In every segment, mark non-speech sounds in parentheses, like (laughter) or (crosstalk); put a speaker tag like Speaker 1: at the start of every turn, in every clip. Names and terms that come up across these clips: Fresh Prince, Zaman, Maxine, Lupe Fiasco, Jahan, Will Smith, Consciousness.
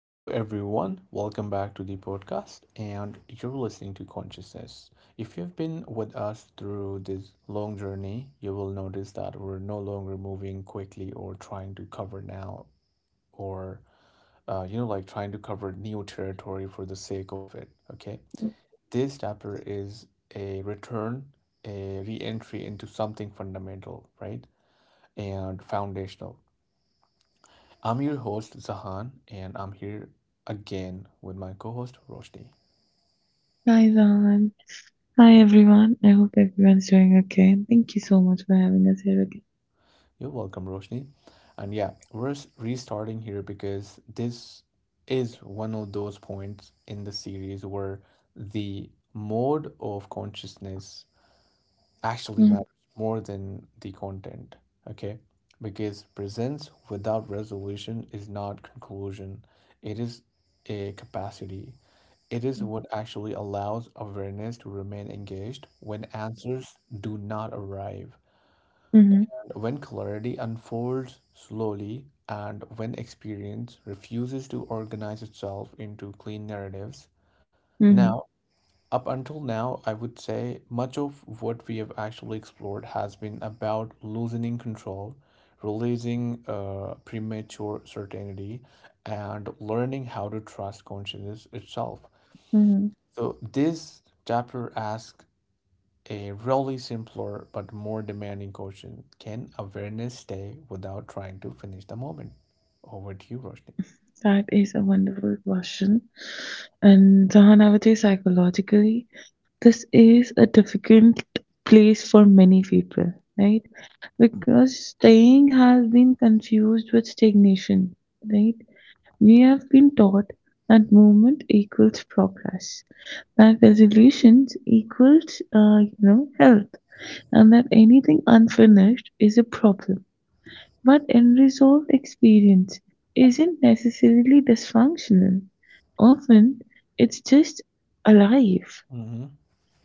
Speaker 1: Hello, everyone. Welcome back to the podcast, and you're listening to Consciousness. If you've been with us through this long journey, you will notice that we're no longer moving quickly or trying to cover now or, trying to cover new territory for the sake of it. Okay. This chapter is a return, a re entry into something fundamental, right? And foundational. I'm your host, Zahan, and I'm here again with my co host, Roshni.
Speaker 2: Hi, Zaman. Hi, everyone. I hope everyone's doing okay. And thank you so much for having us here
Speaker 1: You're welcome, Roshni. And yeah, we're restarting here because this is one of those points in the series where the mode of consciousness actually matters
Speaker 2: again.
Speaker 1: more than the content, okay? Because presence without resolution is not conclusion, it is a capacity. It is
Speaker 2: Mm-hmm.
Speaker 1: what actually allows awareness to remain engaged when answers do not arrive.
Speaker 2: Mm-hmm.
Speaker 1: When clarity unfolds slowly and when experience refuses to organize itself into clean narratives,
Speaker 2: Mm-hmm.
Speaker 1: now, up until now, I would say much of what we have actually explored has been about loosening control, releasing premature certainty, and learning how to trust consciousness itself.
Speaker 2: Mm-hmm.
Speaker 1: So, this chapter asks a really simpler but more demanding question. Can awareness stay without trying to finish the moment? Over to you, Roshni.
Speaker 2: That is a wonderful question. And Zahan, I would say psychologically, this is a difficult place for many people, right? Because staying has been confused with stagnation, right? We have been taught that movement equals progress, that resolutions equals you know, health, and that anything unfinished is a problem. But unresolved experience isn't necessarily dysfunctional. Often, it's just alive.
Speaker 1: Mm-hmm.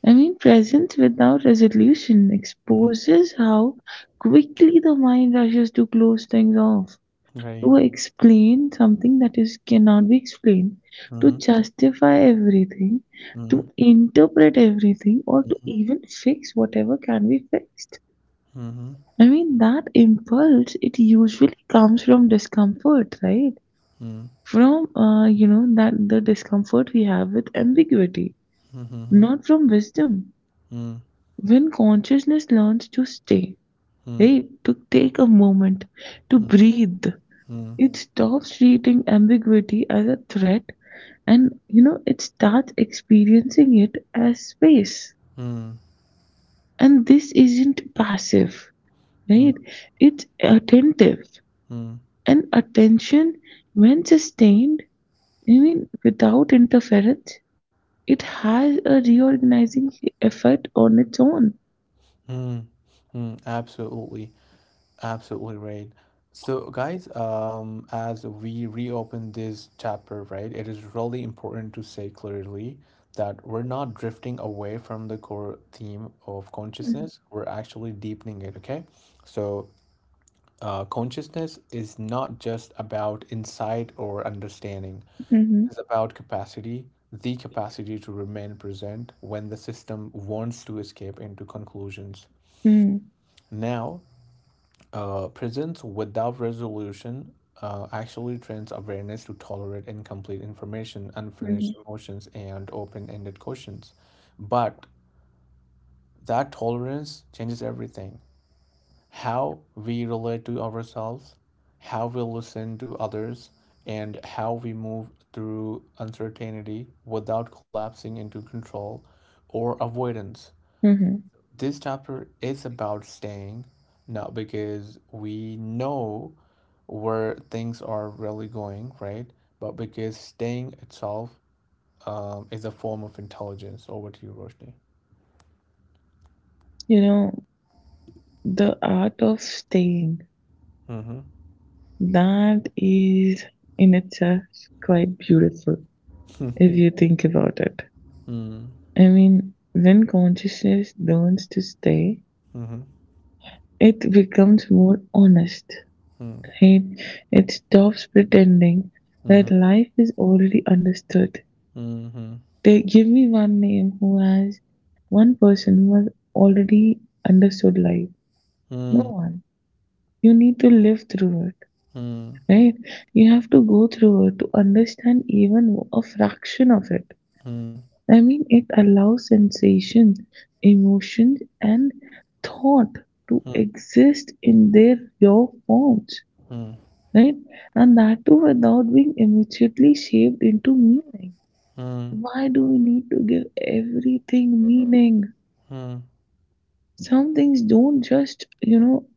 Speaker 2: I mean, presence without resolution
Speaker 1: Mm-hmm.
Speaker 2: exposes how quickly the mind rushes to close things off,
Speaker 1: Right.
Speaker 2: to explain something that is cannot be explained, to
Speaker 1: Mm-hmm.
Speaker 2: justify everything,
Speaker 1: Mm-hmm.
Speaker 2: to interpret everything, or to even fix whatever can be fixed.
Speaker 1: Mm-hmm. Mm-hmm.
Speaker 2: I mean, that impulse, it usually comes from discomfort, right? From, you know, that the discomfort we have with ambiguity,
Speaker 1: Mm-hmm.
Speaker 2: not from wisdom.
Speaker 1: Mm-hmm.
Speaker 2: When consciousness learns to stay, right, to take a moment, to breathe, it stops treating ambiguity as a threat, and you know, it starts experiencing it as space,
Speaker 1: Mm-hmm.
Speaker 2: and this isn't passive,
Speaker 1: Mm-hmm.
Speaker 2: right, it's attentive.
Speaker 1: Mm-hmm.
Speaker 2: And attention, when sustained, I mean without interference, it has a reorganizing effect on its own.
Speaker 1: Mm-hmm. Absolutely. Absolutely right. So, guys, as we reopen this chapter, right, it is really important to say clearly that we're not drifting away from the core theme of
Speaker 2: Mm-hmm.
Speaker 1: consciousness. We're actually deepening it, okay? So, consciousness is not just about insight or understanding,
Speaker 2: Mm.
Speaker 1: it is about capacity, the capacity to remain present when the system wants to escape into conclusions.
Speaker 2: mhm,
Speaker 1: Now, presence without resolution actually trains awareness to tolerate incomplete information,
Speaker 2: mm,
Speaker 1: unfinished
Speaker 2: mhm,
Speaker 1: emotions, and open-ended questions. But that tolerance changes everything. How we relate to ourselves, how we listen to others, and how we move through uncertainty without collapsing into control or avoidance.
Speaker 2: mhm.
Speaker 1: This chapter is about staying, not because we know where things are really going, right? But because staying itself is a form of intelligence. Over to you, Roshni.
Speaker 2: You know, the art of staying,
Speaker 1: Mm-hmm.
Speaker 2: that is in itself quite beautiful if
Speaker 1: (laughs)
Speaker 2: you think about it.
Speaker 1: Mm-hmm.
Speaker 2: I mean, when consciousness learns to stay, it becomes more honest. And it stops pretending
Speaker 1: Mm-hmm.
Speaker 2: that life is already understood.
Speaker 1: Mm-hmm.
Speaker 2: They give me one name who has, one person who has already understood life. No
Speaker 1: Mm-hmm.
Speaker 2: one. You need to live through it,
Speaker 1: Mm-hmm.
Speaker 2: right? You have to go through it to understand even a fraction of it. I mean, it allows sensation, emotions, and thought to exist in their raw forms,
Speaker 1: Mm-hmm.
Speaker 2: right? And that too without being immediately shaped into meaning.
Speaker 1: Mm-hmm.
Speaker 2: Why do we need to give everything meaning? Some things don't just, you know,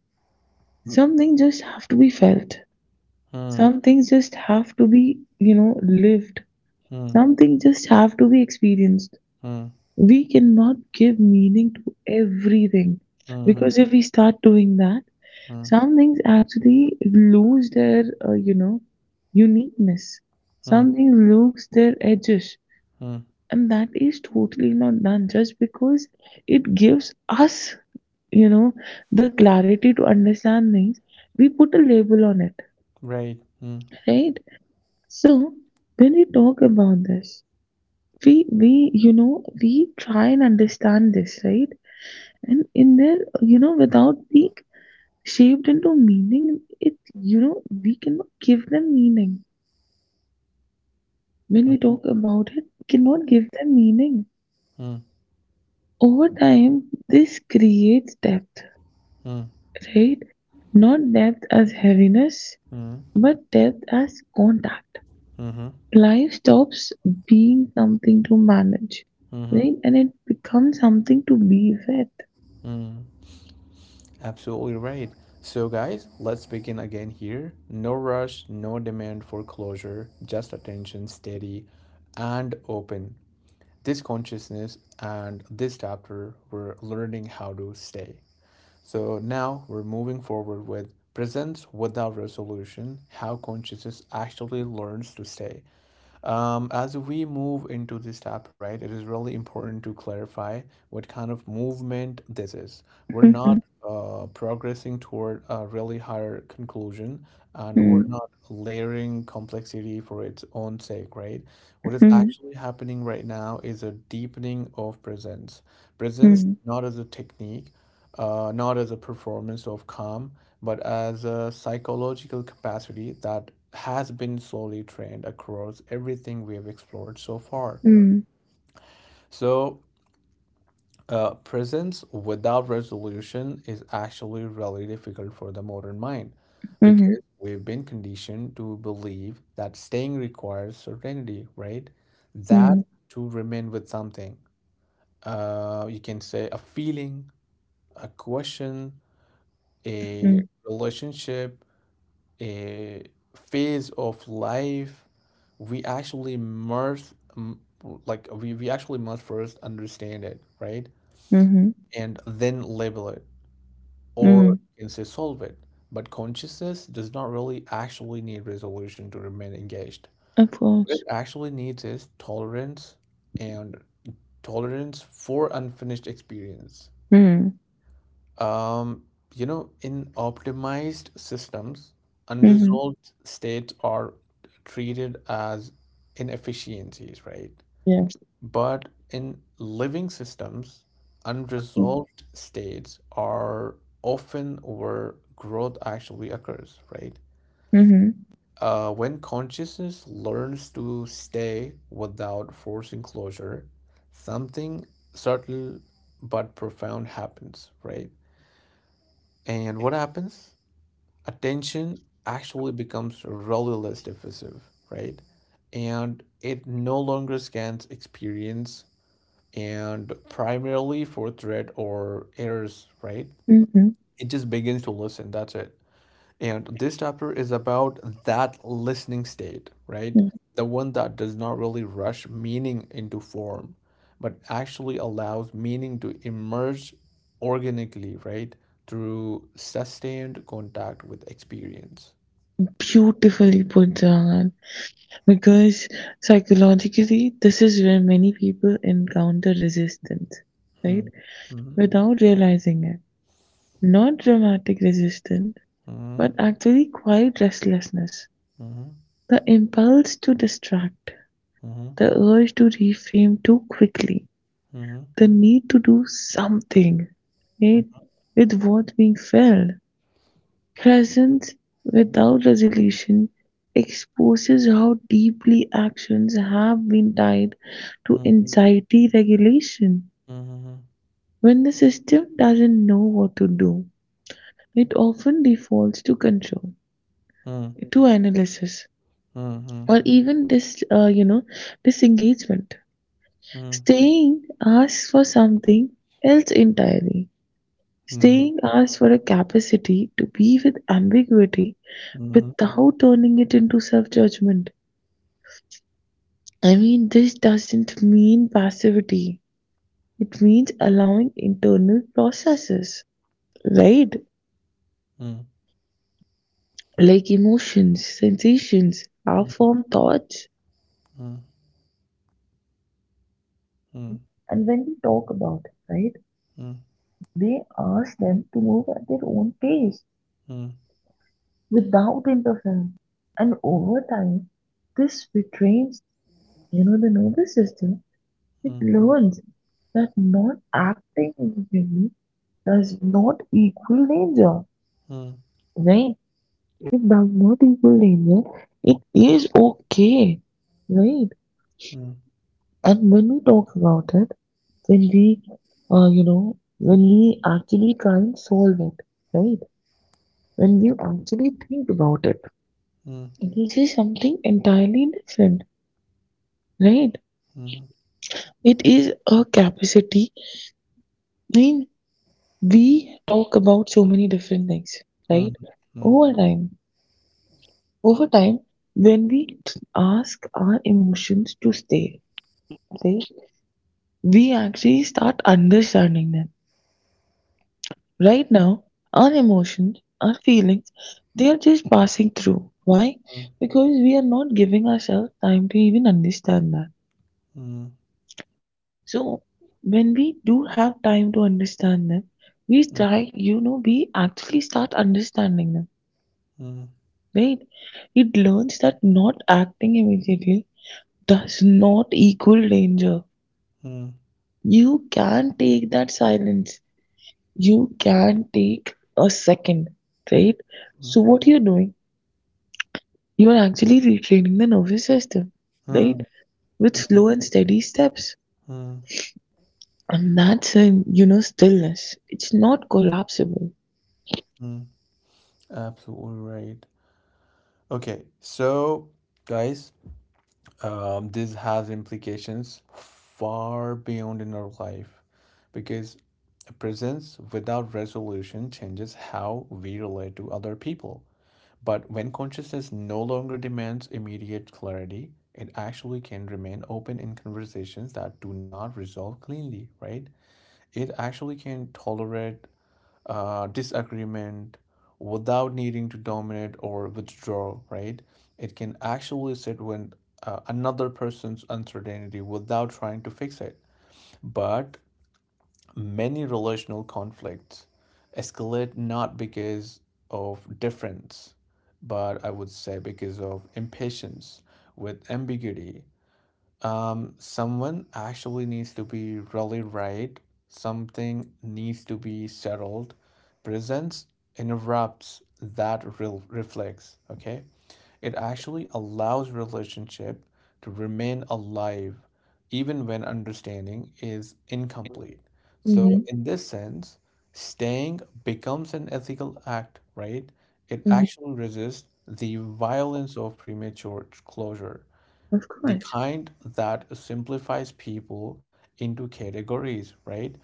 Speaker 2: some things just have to be felt. Some things just have to be, you know, lived.
Speaker 1: Mm-hmm.
Speaker 2: Some things just have to be experienced. We cannot give meaning to everything
Speaker 1: Mm-hmm.
Speaker 2: because if we start doing that, some things actually lose their, you know, uniqueness. Some
Speaker 1: Mm-hmm.
Speaker 2: things lose their edges.
Speaker 1: Mm-hmm.
Speaker 2: And that is totally not done just because it gives us, you know, the clarity to understand things. We put a label on it,
Speaker 1: Right. Mm-hmm.
Speaker 2: right? So when we talk about this, you know, we try and understand this, right? And in there, you know, without being shaped into meaning, it, you know, we cannot give them meaning. When we
Speaker 1: Mm-hmm.
Speaker 2: talk about it, we cannot give them meaning. Over time, this creates depth, right, not depth as heaviness,
Speaker 1: Mm-hmm.
Speaker 2: but depth as contact.
Speaker 1: Mm-hmm.
Speaker 2: Life stops being something to manage,
Speaker 1: Mm-hmm.
Speaker 2: right, and it becomes something to be with.
Speaker 1: Mm, absolutely right. So, guys, let's begin again here. No rush, no demand for closure, just attention steady and open. This consciousness and this chapter, we're learning how to stay. So, now we're moving forward with presence without resolution, how consciousness actually learns to stay. As we move into this chapter, right, it is really important to clarify what kind of movement this is. We're not
Speaker 2: Mhm,
Speaker 1: progressing toward a really higher conclusion, and we're
Speaker 2: mm,
Speaker 1: not layering complexity for its own sake, right? What is
Speaker 2: mhm,
Speaker 1: actually happening right now is a deepening of presence. Presence
Speaker 2: mm,
Speaker 1: not as a technique, not as a performance of calm, but as a psychological capacity that has been slowly trained across everything we have explored so far.
Speaker 2: mm,
Speaker 1: So, presence without resolution is actually really difficult for the modern mind
Speaker 2: mhm,
Speaker 1: because we've been conditioned to believe that staying requires certainty, right? That
Speaker 2: mm,
Speaker 1: to remain with something. You can say a feeling, a question, a
Speaker 2: mm,
Speaker 1: relationship, a phase of life, we actually must mm, we actually must first understand it, right?
Speaker 2: mhm,
Speaker 1: And then label it or
Speaker 2: mm.
Speaker 1: you can say solve it. But consciousness does not really actually need resolution to remain engaged.
Speaker 2: Of
Speaker 1: What it
Speaker 2: course.
Speaker 1: actually needs is tolerance and tolerance for unfinished experience.
Speaker 2: Mm,
Speaker 1: Um, in optimized systems,
Speaker 2: mhm.
Speaker 1: unresolved states are treated as inefficiencies, right?
Speaker 2: Yes.
Speaker 1: But in living systems,
Speaker 2: Mm,
Speaker 1: unresolved states are often where growth actually occurs, right?
Speaker 2: Mhm.
Speaker 1: When consciousness learns to stay without forcing closure, something subtle but profound happens, right? And what happens? Attention actually becomes really less diffusive, right? And it no longer scans experience and primarily for threat or errors, right?
Speaker 2: Mhm.
Speaker 1: It just begins to listen. That's it. And this chapter is about that listening state, right?
Speaker 2: mm.
Speaker 1: The one that does not really rush meaning into form, but actually allows meaning to emerge organically, right? Through sustained contact with experience.
Speaker 2: Beautifully put, Jahan. Because psychologically, this is where many people encounter resistance, right?
Speaker 1: Mhm, mhm,
Speaker 2: Without realizing it. Not dramatic resistance, but
Speaker 1: mhm,
Speaker 2: actually quiet restlessness.
Speaker 1: mhm,
Speaker 2: The impulse to distract,
Speaker 1: mhm,
Speaker 2: the urge to reframe too quickly,
Speaker 1: mhm,
Speaker 2: the need to do something, right, with what being felt. Presence without resolution exposes how deeply actions have been tied to
Speaker 1: mhm,
Speaker 2: anxiety regulation.
Speaker 1: mhm,
Speaker 2: When the system doesn't know what to do, it often defaults to control,
Speaker 1: mhm,
Speaker 2: to analysis,
Speaker 1: mhm, mhm, mhm,
Speaker 2: or even this you know, disengagement.
Speaker 1: mhm,
Speaker 2: Staying asks for something else entirely.
Speaker 1: mhm, mhm, mhm, mhm, mhm, mhm, mhm, mhm, mhm, mhm, mhm, mhm, mhm, mhm, mhm,
Speaker 2: Staying asks for a capacity to be with ambiguity
Speaker 1: mhm, mhm,
Speaker 2: without turning it into self-judgment. I mean this doesn't mean passivity, it means allowing internal processes, right, like emotions, sensations, our formed thoughts. and and when we talk about it, right, they asked them to move at their own pace without interference. And over time, this retrains, you know, the nervous system. It learns that not acting immediately does not equal danger, right? It does not equal danger. It is okay, right? And when we talk about it, when we, you know, when we actually try and solve it, right? When we actually think about it,
Speaker 1: mhm,
Speaker 2: this is something entirely different, right? It is a capacity. I mean, we talk about so many different things, right? Over time, over time, when we ask our emotions to stay, okay, we actually start understanding them. Right now, our emotions, our feelings, they are just passing through. Why? Because we are not giving ourselves time to even understand that. So when we do have time to understand them, we try, you know, we actually start understanding them, right? It learns that not acting immediately does not equal danger.
Speaker 1: mhm,
Speaker 2: You can take that silence. You can take a second, right? So what you're doing, you are actually retraining the nervous system, right? With slow and steady steps.
Speaker 1: mhm,
Speaker 2: And that's in, you know, stillness. It's not collapsible.
Speaker 1: mhm. Absolutely right. Okay, so guys, this has implications far beyond in our life because a presence without resolution changes how we relate to other people. But when consciousness no longer demands immediate clarity, it actually can remain open in conversations that do not resolve cleanly, right? It actually can tolerate disagreement without needing to dominate or withdraw, right? It can actually sit with another person's uncertainty without trying to fix it. But many relational conflicts escalate not because of difference, but I would say because of impatience with ambiguity. Someone actually needs to be really right. Something needs to be settled. Presence interrupts that real reflex, okay? It actually allows relationship to remain alive even when understanding is incomplete. So
Speaker 2: Hmm.
Speaker 1: in this sense, staying becomes an ethical act, right? It actually resists the violence of premature closure,
Speaker 2: Of
Speaker 1: the
Speaker 2: course.
Speaker 1: kind that simplifies people into categories, right?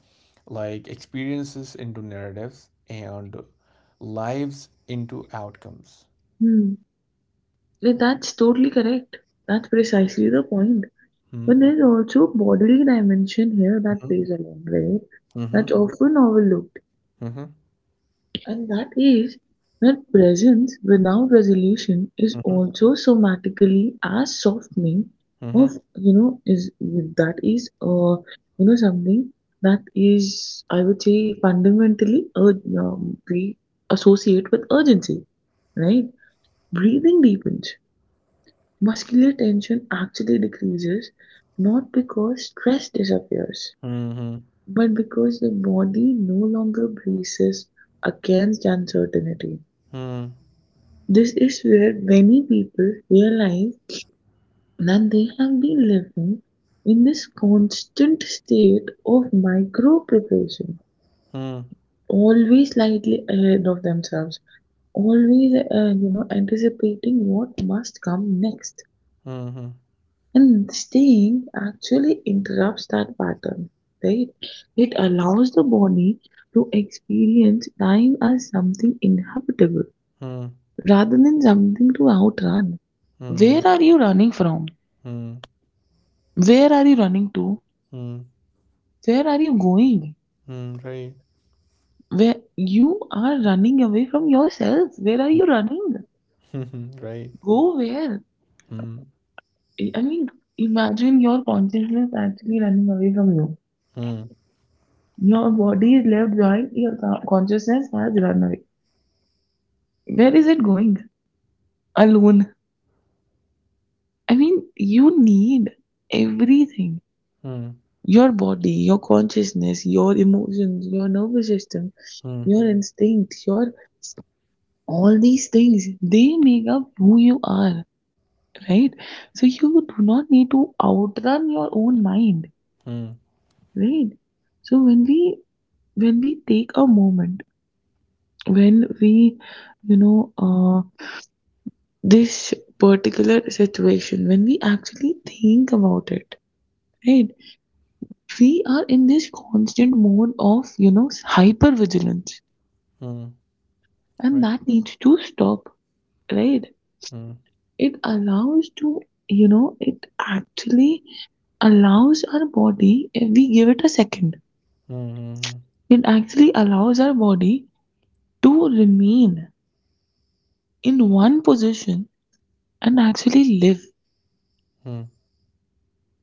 Speaker 1: Like experiences into narratives and lives into outcomes.
Speaker 2: Hmm. Yeah, that's totally correct. That's precisely the point.
Speaker 1: Hmm.
Speaker 2: But there's also a bodily dimension here that
Speaker 1: Hmm.
Speaker 2: plays along, right?
Speaker 1: Hmm.
Speaker 2: That's often overlooked.
Speaker 1: Hmm.
Speaker 2: And that is that presence without resolution is also somatically as softening
Speaker 1: Hmm.
Speaker 2: of, you know, is that is you know, something that is, I would say, fundamentally we associate with urgency, right? Breathing deepens. Muscular tension actually decreases, not because stress disappears,
Speaker 1: Hmm. Hmm.
Speaker 2: but because the body no longer braces against uncertainty.
Speaker 1: Hmm.
Speaker 2: This is where many people realize that they have been living in this constant state of micro preparation,
Speaker 1: Hmm.
Speaker 2: always slightly ahead of themselves, always, you know, anticipating what must come next.
Speaker 1: Hmm.
Speaker 2: And staying actually interrupts that pattern, right? It allows the body to experience time as something inhabitable
Speaker 1: Hmm.
Speaker 2: rather than something to outrun.
Speaker 1: Hmm.
Speaker 2: Where are you running from?
Speaker 1: Hmm.
Speaker 2: Where are you running to?
Speaker 1: Hmm.
Speaker 2: Where are you going?
Speaker 1: Hmm. Right.
Speaker 2: Where you are running away from yourself. Where are you running?
Speaker 1: (laughs) Right.
Speaker 2: Go where?
Speaker 1: Hmm.
Speaker 2: I mean, imagine your consciousness actually running away from you.
Speaker 1: Hmm.
Speaker 2: Your body is left behind, your consciousness has run away. Where is it going? Alone. I mean, you need everything:
Speaker 1: Hmm.
Speaker 2: your body, your consciousness, your emotions, your nervous system,
Speaker 1: Hmm.
Speaker 2: your instincts, your, all these things, they make up who you are, right? So, you do not need to outrun your own mind,
Speaker 1: Hmm.
Speaker 2: right? So, when we, take a moment, when we, you know, this particular situation, when we actually think about it, right? We are in this constant mode of, you know, hyper vigilance,
Speaker 1: Hmm.
Speaker 2: and
Speaker 1: Right.
Speaker 2: that needs to stop, right?
Speaker 1: Hmm.
Speaker 2: It allows to, you know, it actually allows our body, if we give it a second,
Speaker 1: Hmm.
Speaker 2: it actually allows our body to remain in one position and actually live.
Speaker 1: Hmm.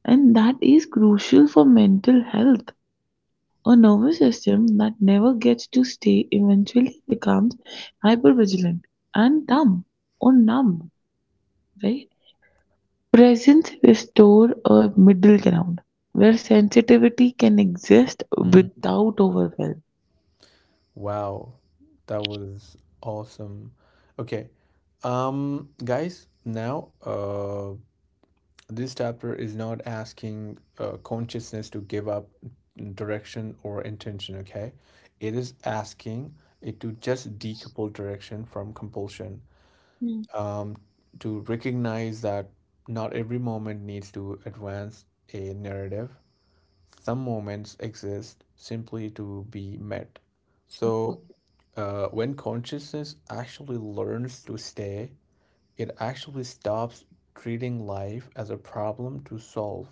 Speaker 2: And that is crucial for mental health. A nervous system that never gets to stay eventually becomes hypervigilant and dumb or numb, right? Presence restore a middle ground where sensitivity can exist
Speaker 1: Hmm.
Speaker 2: without overwhelm.
Speaker 1: Wow, that was awesome. Okay, guys, now this chapter is not asking consciousness to give up direction or intention, okay? It is asking it to just decouple direction from compulsion,
Speaker 2: Mm,
Speaker 1: um, to recognize that not every moment needs to advance a narrative. Some moments exist simply to be met. So, when consciousness actually learns to stay, it actually stops treating life as a problem to solve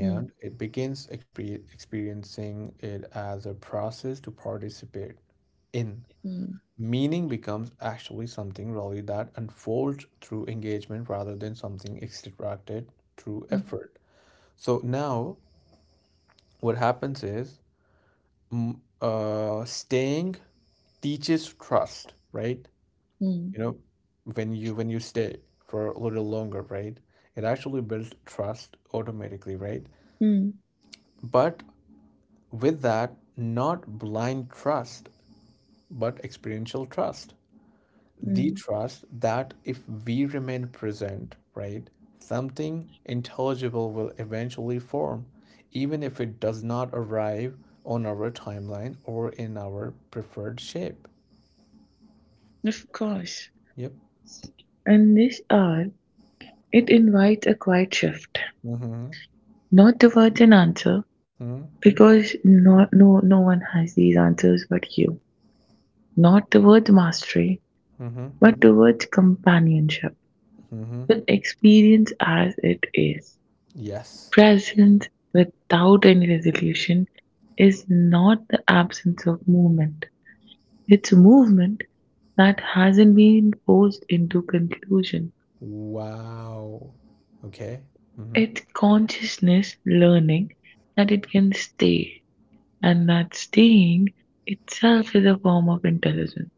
Speaker 2: mm,
Speaker 1: it begins experiencing it as a process to participate in.
Speaker 2: mm,
Speaker 1: Meaning becomes actually something really that unfolds through engagement rather than something extracted through
Speaker 2: mm,
Speaker 1: effort. So now what happens is mm, staying teaches trust, right?
Speaker 2: mm,
Speaker 1: You know, when you stay for a little longer, right? It actually builds trust automatically, right?
Speaker 2: mm,
Speaker 1: But with that, not blind trust, but experiential trust. The
Speaker 2: mm.
Speaker 1: trust that if we remain present, right, something intelligible will eventually form, even if it does not arrive on our timeline or in our preferred shape.
Speaker 2: Of course.
Speaker 1: Yep.
Speaker 2: And this hour, it invites a quiet shift,
Speaker 1: Mm-hmm.
Speaker 2: not towards an answer,
Speaker 1: Mm-hmm.
Speaker 2: because no, no, no one has these answers but you. Not towards mastery,
Speaker 1: Mm-hmm.
Speaker 2: but towards companionship,
Speaker 1: Mm-hmm.
Speaker 2: with experience as it is.
Speaker 1: Yes.
Speaker 2: Presence without any resolution is not the absence of movement. It's movement that hasn't been forced into conclusion.
Speaker 1: Wow. Okay. Mm-hmm.
Speaker 2: It's consciousness learning that it can stay, and that staying itself is a form of intelligence.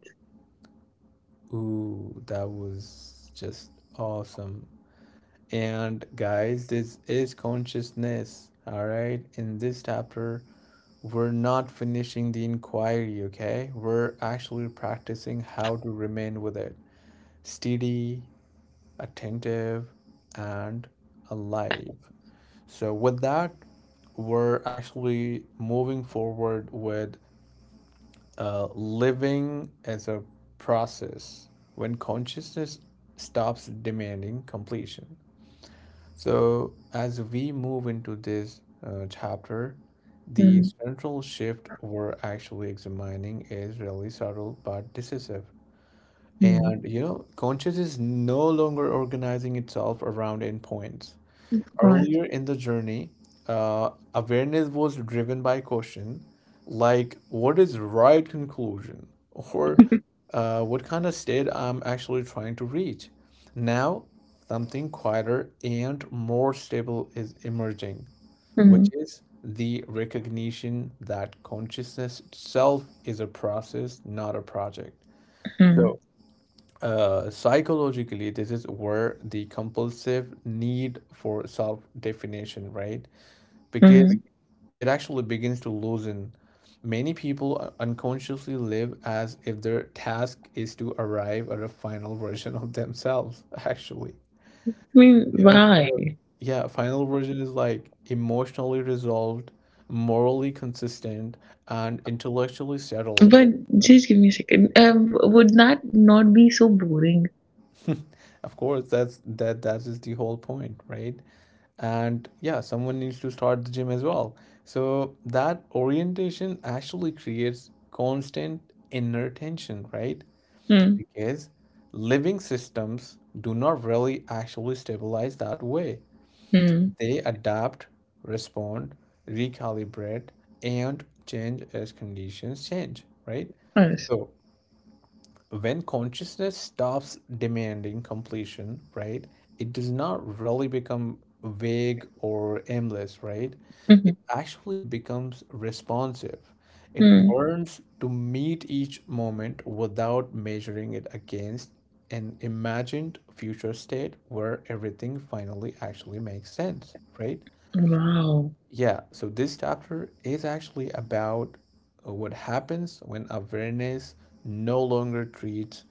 Speaker 1: Ooh, that was just awesome. And guys, this is consciousness. All right. In this chapter, we're not finishing the inquiry, okay? We're actually practicing how to remain with it steady, attentive, and alive. So, with that, we're actually moving forward with living as a process when consciousness stops demanding completion. So, as we move into this chapter, the central shift we're actually examining is really subtle but decisive.
Speaker 2: Mm-hmm.
Speaker 1: And consciousness is no longer organizing itself around endpoints.
Speaker 2: Of course.
Speaker 1: Earlier in the journey, awareness was driven by caution, like what is right conclusion or
Speaker 2: (laughs)
Speaker 1: what kind of state I'm actually trying to reach. Now, something quieter and more stable is emerging, which
Speaker 2: Mhm,
Speaker 1: is the recognition that consciousness itself is a process, not a project.
Speaker 2: mhm,
Speaker 1: So, psychologically, this is where the compulsive need for self-definition, right? Because
Speaker 2: mhm.
Speaker 1: it actually begins to loosen. Many people unconsciously live as if their task is to arrive at a final version of themselves, (laughs) actually.
Speaker 2: I mean,
Speaker 1: You know,
Speaker 2: why?
Speaker 1: final- yeah, final version is like emotionally resolved, morally consistent, and intellectually settled.
Speaker 2: But just give me a second. Would that not be so boring?
Speaker 1: (laughs) Of course, that is the whole point, right? And yeah, someone needs to start the gym as well. So that orientation actually creates constant inner tension, right?
Speaker 2: Hmm.
Speaker 1: Because living systems do not really actually stabilize that way.
Speaker 2: Hmm.
Speaker 1: They adapt, respond, recalibrate, and change as conditions change, right?
Speaker 2: Yes.
Speaker 1: So when consciousness stops demanding completion, right, it does not really become vague or aimless, right?
Speaker 2: Mm-hmm.
Speaker 1: It actually becomes responsive. It
Speaker 2: Hmm.
Speaker 1: learns to meet each moment without measuring it against an imagined future state where everything finally actually makes sense, right?
Speaker 2: Wow.
Speaker 1: Yeah, so this chapter is actually about what happens when awareness no longer treats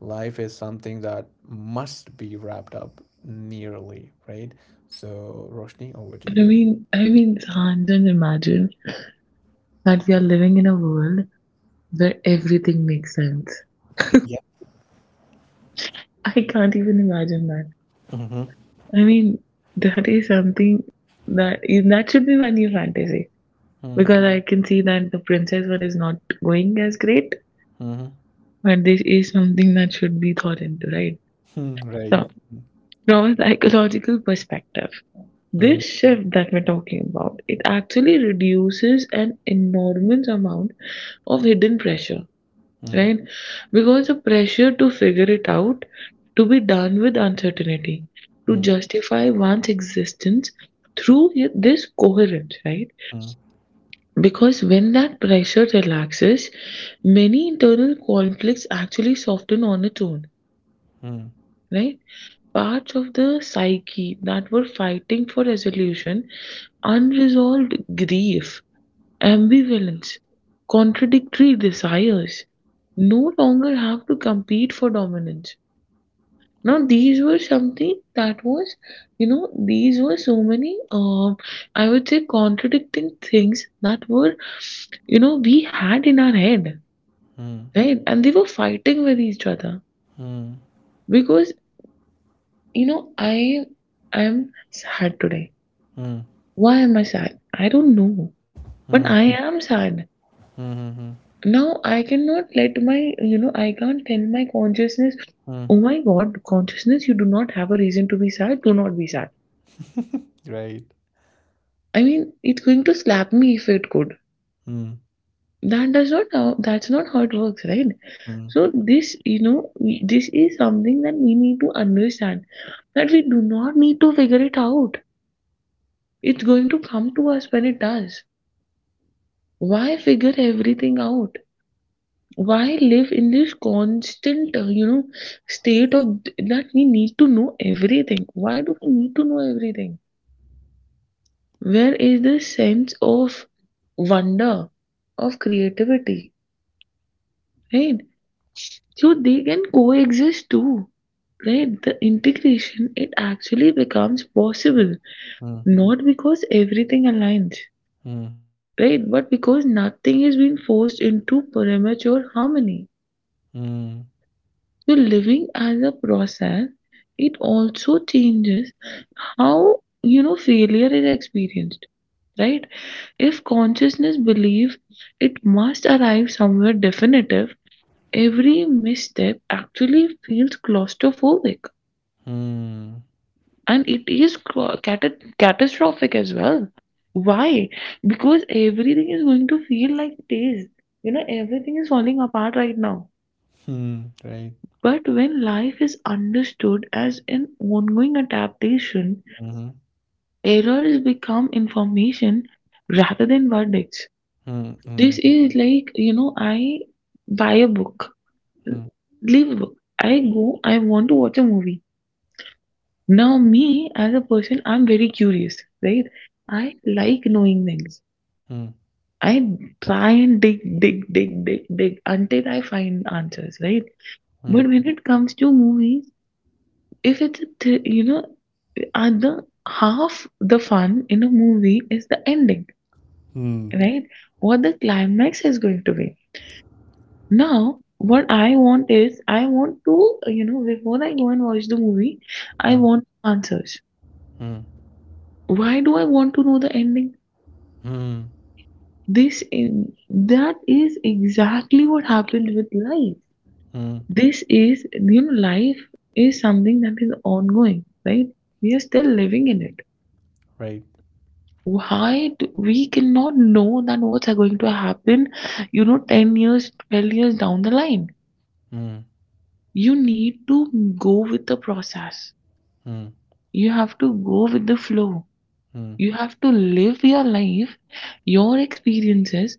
Speaker 1: life as something that must be wrapped up nearly, right? So, Roshni, over to
Speaker 2: And
Speaker 1: you.
Speaker 2: I mean, can't just imagine that we are living in a world where everything makes sense.
Speaker 1: Yeah.
Speaker 2: I can't even imagine that.
Speaker 1: Mm-hmm.
Speaker 2: I mean, that is something that is that should be my new fantasy,
Speaker 1: Mm-hmm.
Speaker 2: because I can see that the princess one is not going as great,
Speaker 1: (laughs)
Speaker 2: but this is something that should be thought into, right?
Speaker 1: Hmm. Right.
Speaker 2: So, from a psychological perspective,
Speaker 1: Mm-hmm.
Speaker 2: this shift that we're talking about, it actually reduces an enormous amount of hidden pressure, right?
Speaker 1: (laughs)
Speaker 2: Because the pressure to figure it out, to be done with uncertainty, to justify one's existence through this coherence, right? Because when that pressure relaxes, many internal conflicts actually soften on its own, right? Parts of the psyche that were fighting for resolution, unresolved grief, ambivalence, contradictory desires, no longer have to compete for dominance. Now, these were something that was, you know, these were so many, I would say, contradicting things that were, you know, we had in our head, right? And they were fighting with each other
Speaker 1: Mm-hmm.
Speaker 2: because, you know, I am sad today.
Speaker 1: Mm-hmm.
Speaker 2: Why am I sad? I don't know. But I
Speaker 1: Mm-hmm.
Speaker 2: am sad.
Speaker 1: Mm-hmm.
Speaker 2: Now I cannot let my, you know, I can't tell my consciousness,
Speaker 1: Mm-hmm.
Speaker 2: oh my God, consciousness, you do not have a reason to be sad. Do not be sad.
Speaker 1: Right.
Speaker 2: I mean, it's going to slap me if it could.
Speaker 1: Mm-hmm.
Speaker 2: That does not how, that's not how it works, right? So this, you know, this is something that we need to understand, that we do not need to figure it out. It's going to come to us when it does. Why figure everything out? Why live in this constant, you know, state of that we need to know everything? Why do we need to know everything? Where is the sense of wonder, of creativity, right? So they can coexist too, right? The integration, it actually becomes possible, not because everything aligns,
Speaker 1: Mm-hmm.
Speaker 2: right? But because nothing is being forced into premature harmony. So living as a process, it also changes how, you know, failure is experienced, right? If consciousness believes it must arrive somewhere definitive, every misstep actually feels claustrophobic,
Speaker 1: Mm-hmm.
Speaker 2: and it is catastrophic as well. Why? Because everything is going to feel like it is. You know, everything is falling apart right now.
Speaker 1: Hmm, right.
Speaker 2: But when life is understood as an ongoing adaptation,
Speaker 1: Mhm.
Speaker 2: errors become information rather than verdicts.
Speaker 1: Hmm,
Speaker 2: This
Speaker 1: hmm,
Speaker 2: is like, you know, I buy a book,
Speaker 1: hmm,
Speaker 2: leave a book. I go, I want to watch a movie. Now, me as a person, I'm very curious, right? I like knowing things.
Speaker 1: hmm,
Speaker 2: I try and dig until I find answers, right?
Speaker 1: hmm,
Speaker 2: But when it comes to movies, if it's a you know, at the, half the fun in a movie is the ending,
Speaker 1: hmm,
Speaker 2: right? What the climax is going to be. Now what I want is, I want to, you know, before I go and watch the movie, I
Speaker 1: hmm,
Speaker 2: want answers.
Speaker 1: hmm,
Speaker 2: Why do I want to know the ending?
Speaker 1: hmm,
Speaker 2: This is, that is exactly what happened with life.
Speaker 1: hmm,
Speaker 2: This is, you know, life is something that is ongoing, right? We are still living in it.
Speaker 1: right.
Speaker 2: Why do, we cannot know that what's going to happen, you know, 10 years, 12 years down the line.
Speaker 1: Hmm,
Speaker 2: You need to go with the process.
Speaker 1: hmm,
Speaker 2: You have to go with the flow.
Speaker 1: hmm,
Speaker 2: You have to live your life, your experiences,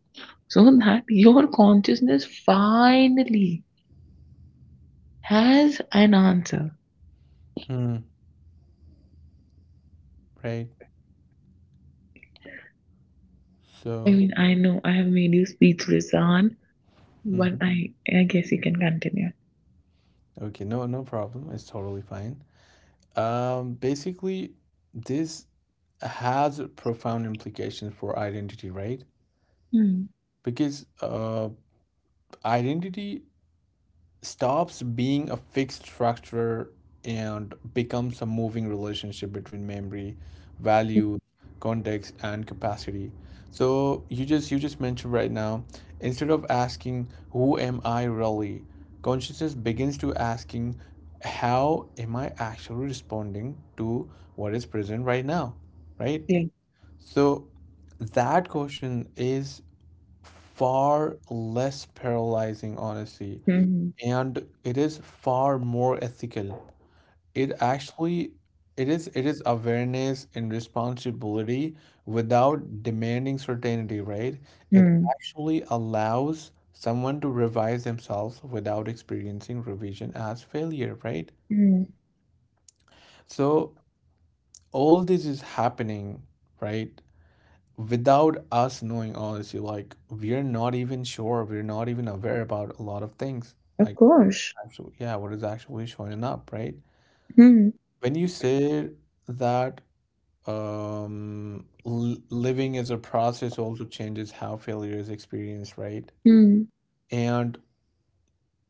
Speaker 2: so that your consciousness finally has an answer.
Speaker 1: hmm, right.
Speaker 2: I
Speaker 1: So,
Speaker 2: mean, I know I have made you speechless, Zan, but
Speaker 1: mhm.
Speaker 2: I I guess you can continue.
Speaker 1: Okay, no, no problem. It's totally fine. Basically, this has profound implications for identity, right?
Speaker 2: Hmm.
Speaker 1: Because identity stops being a fixed structure and becomes a moving relationship between memory, value, context, and capacity. So you just mentioned right now, instead of asking who am I really, consciousness begins to asking how am I actually responding to what is present right now, right?
Speaker 2: Yeah.
Speaker 1: So that question is far less paralyzing honestly,
Speaker 2: Mhm.
Speaker 1: and it is far more ethical. It actually it is it is awareness and responsibility without demanding certainty, right? It
Speaker 2: Mm.
Speaker 1: actually allows someone to revise themselves without experiencing revision as failure, right?
Speaker 2: Mm.
Speaker 1: So all this is happening, right, without us knowing, honestly, like we're not even sure, we're not even aware about a lot of things,
Speaker 2: Of
Speaker 1: like
Speaker 2: course.
Speaker 1: actually, yeah, what is actually showing up, right?
Speaker 2: Mm.
Speaker 1: When you say that living as a process also changes how failure is experienced, right?
Speaker 2: Mm.
Speaker 1: And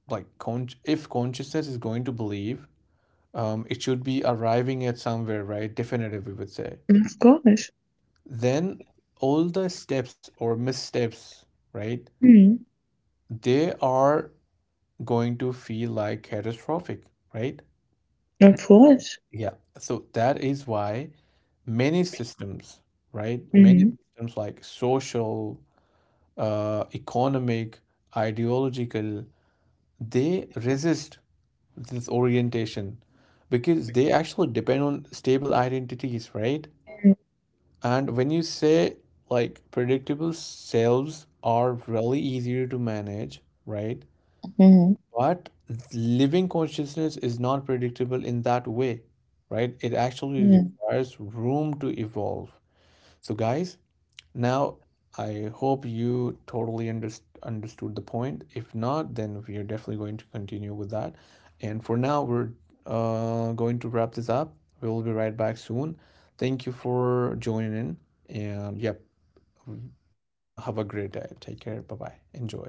Speaker 1: like, if consciousness is going to believe, it should be arriving at somewhere, right? Definitive, we would say.
Speaker 2: Of course.
Speaker 1: Then all the steps or missteps, right?
Speaker 2: Mm.
Speaker 1: They are going to feel like catastrophic, right?
Speaker 2: Of course.
Speaker 1: Yeah. So that is why many systems, right? Many
Speaker 2: Mm.
Speaker 1: systems like social, economic, ideological, they resist this orientation because they actually depend on stable identities, right?
Speaker 2: Mm.
Speaker 1: And when you say like predictable selves are really easier to manage, right?
Speaker 2: Mm.
Speaker 1: But living consciousness is not predictable in that way, right? It actually
Speaker 2: Mm.
Speaker 1: requires room to evolve. So, guys, now, I hope you totally understood the point. If not, then we are definitely going to continue with that. And for now, we're going to wrap this up. We will be right back soon. Thank you for joining in. And yep, have a great day. Take care. Bye bye. Enjoy.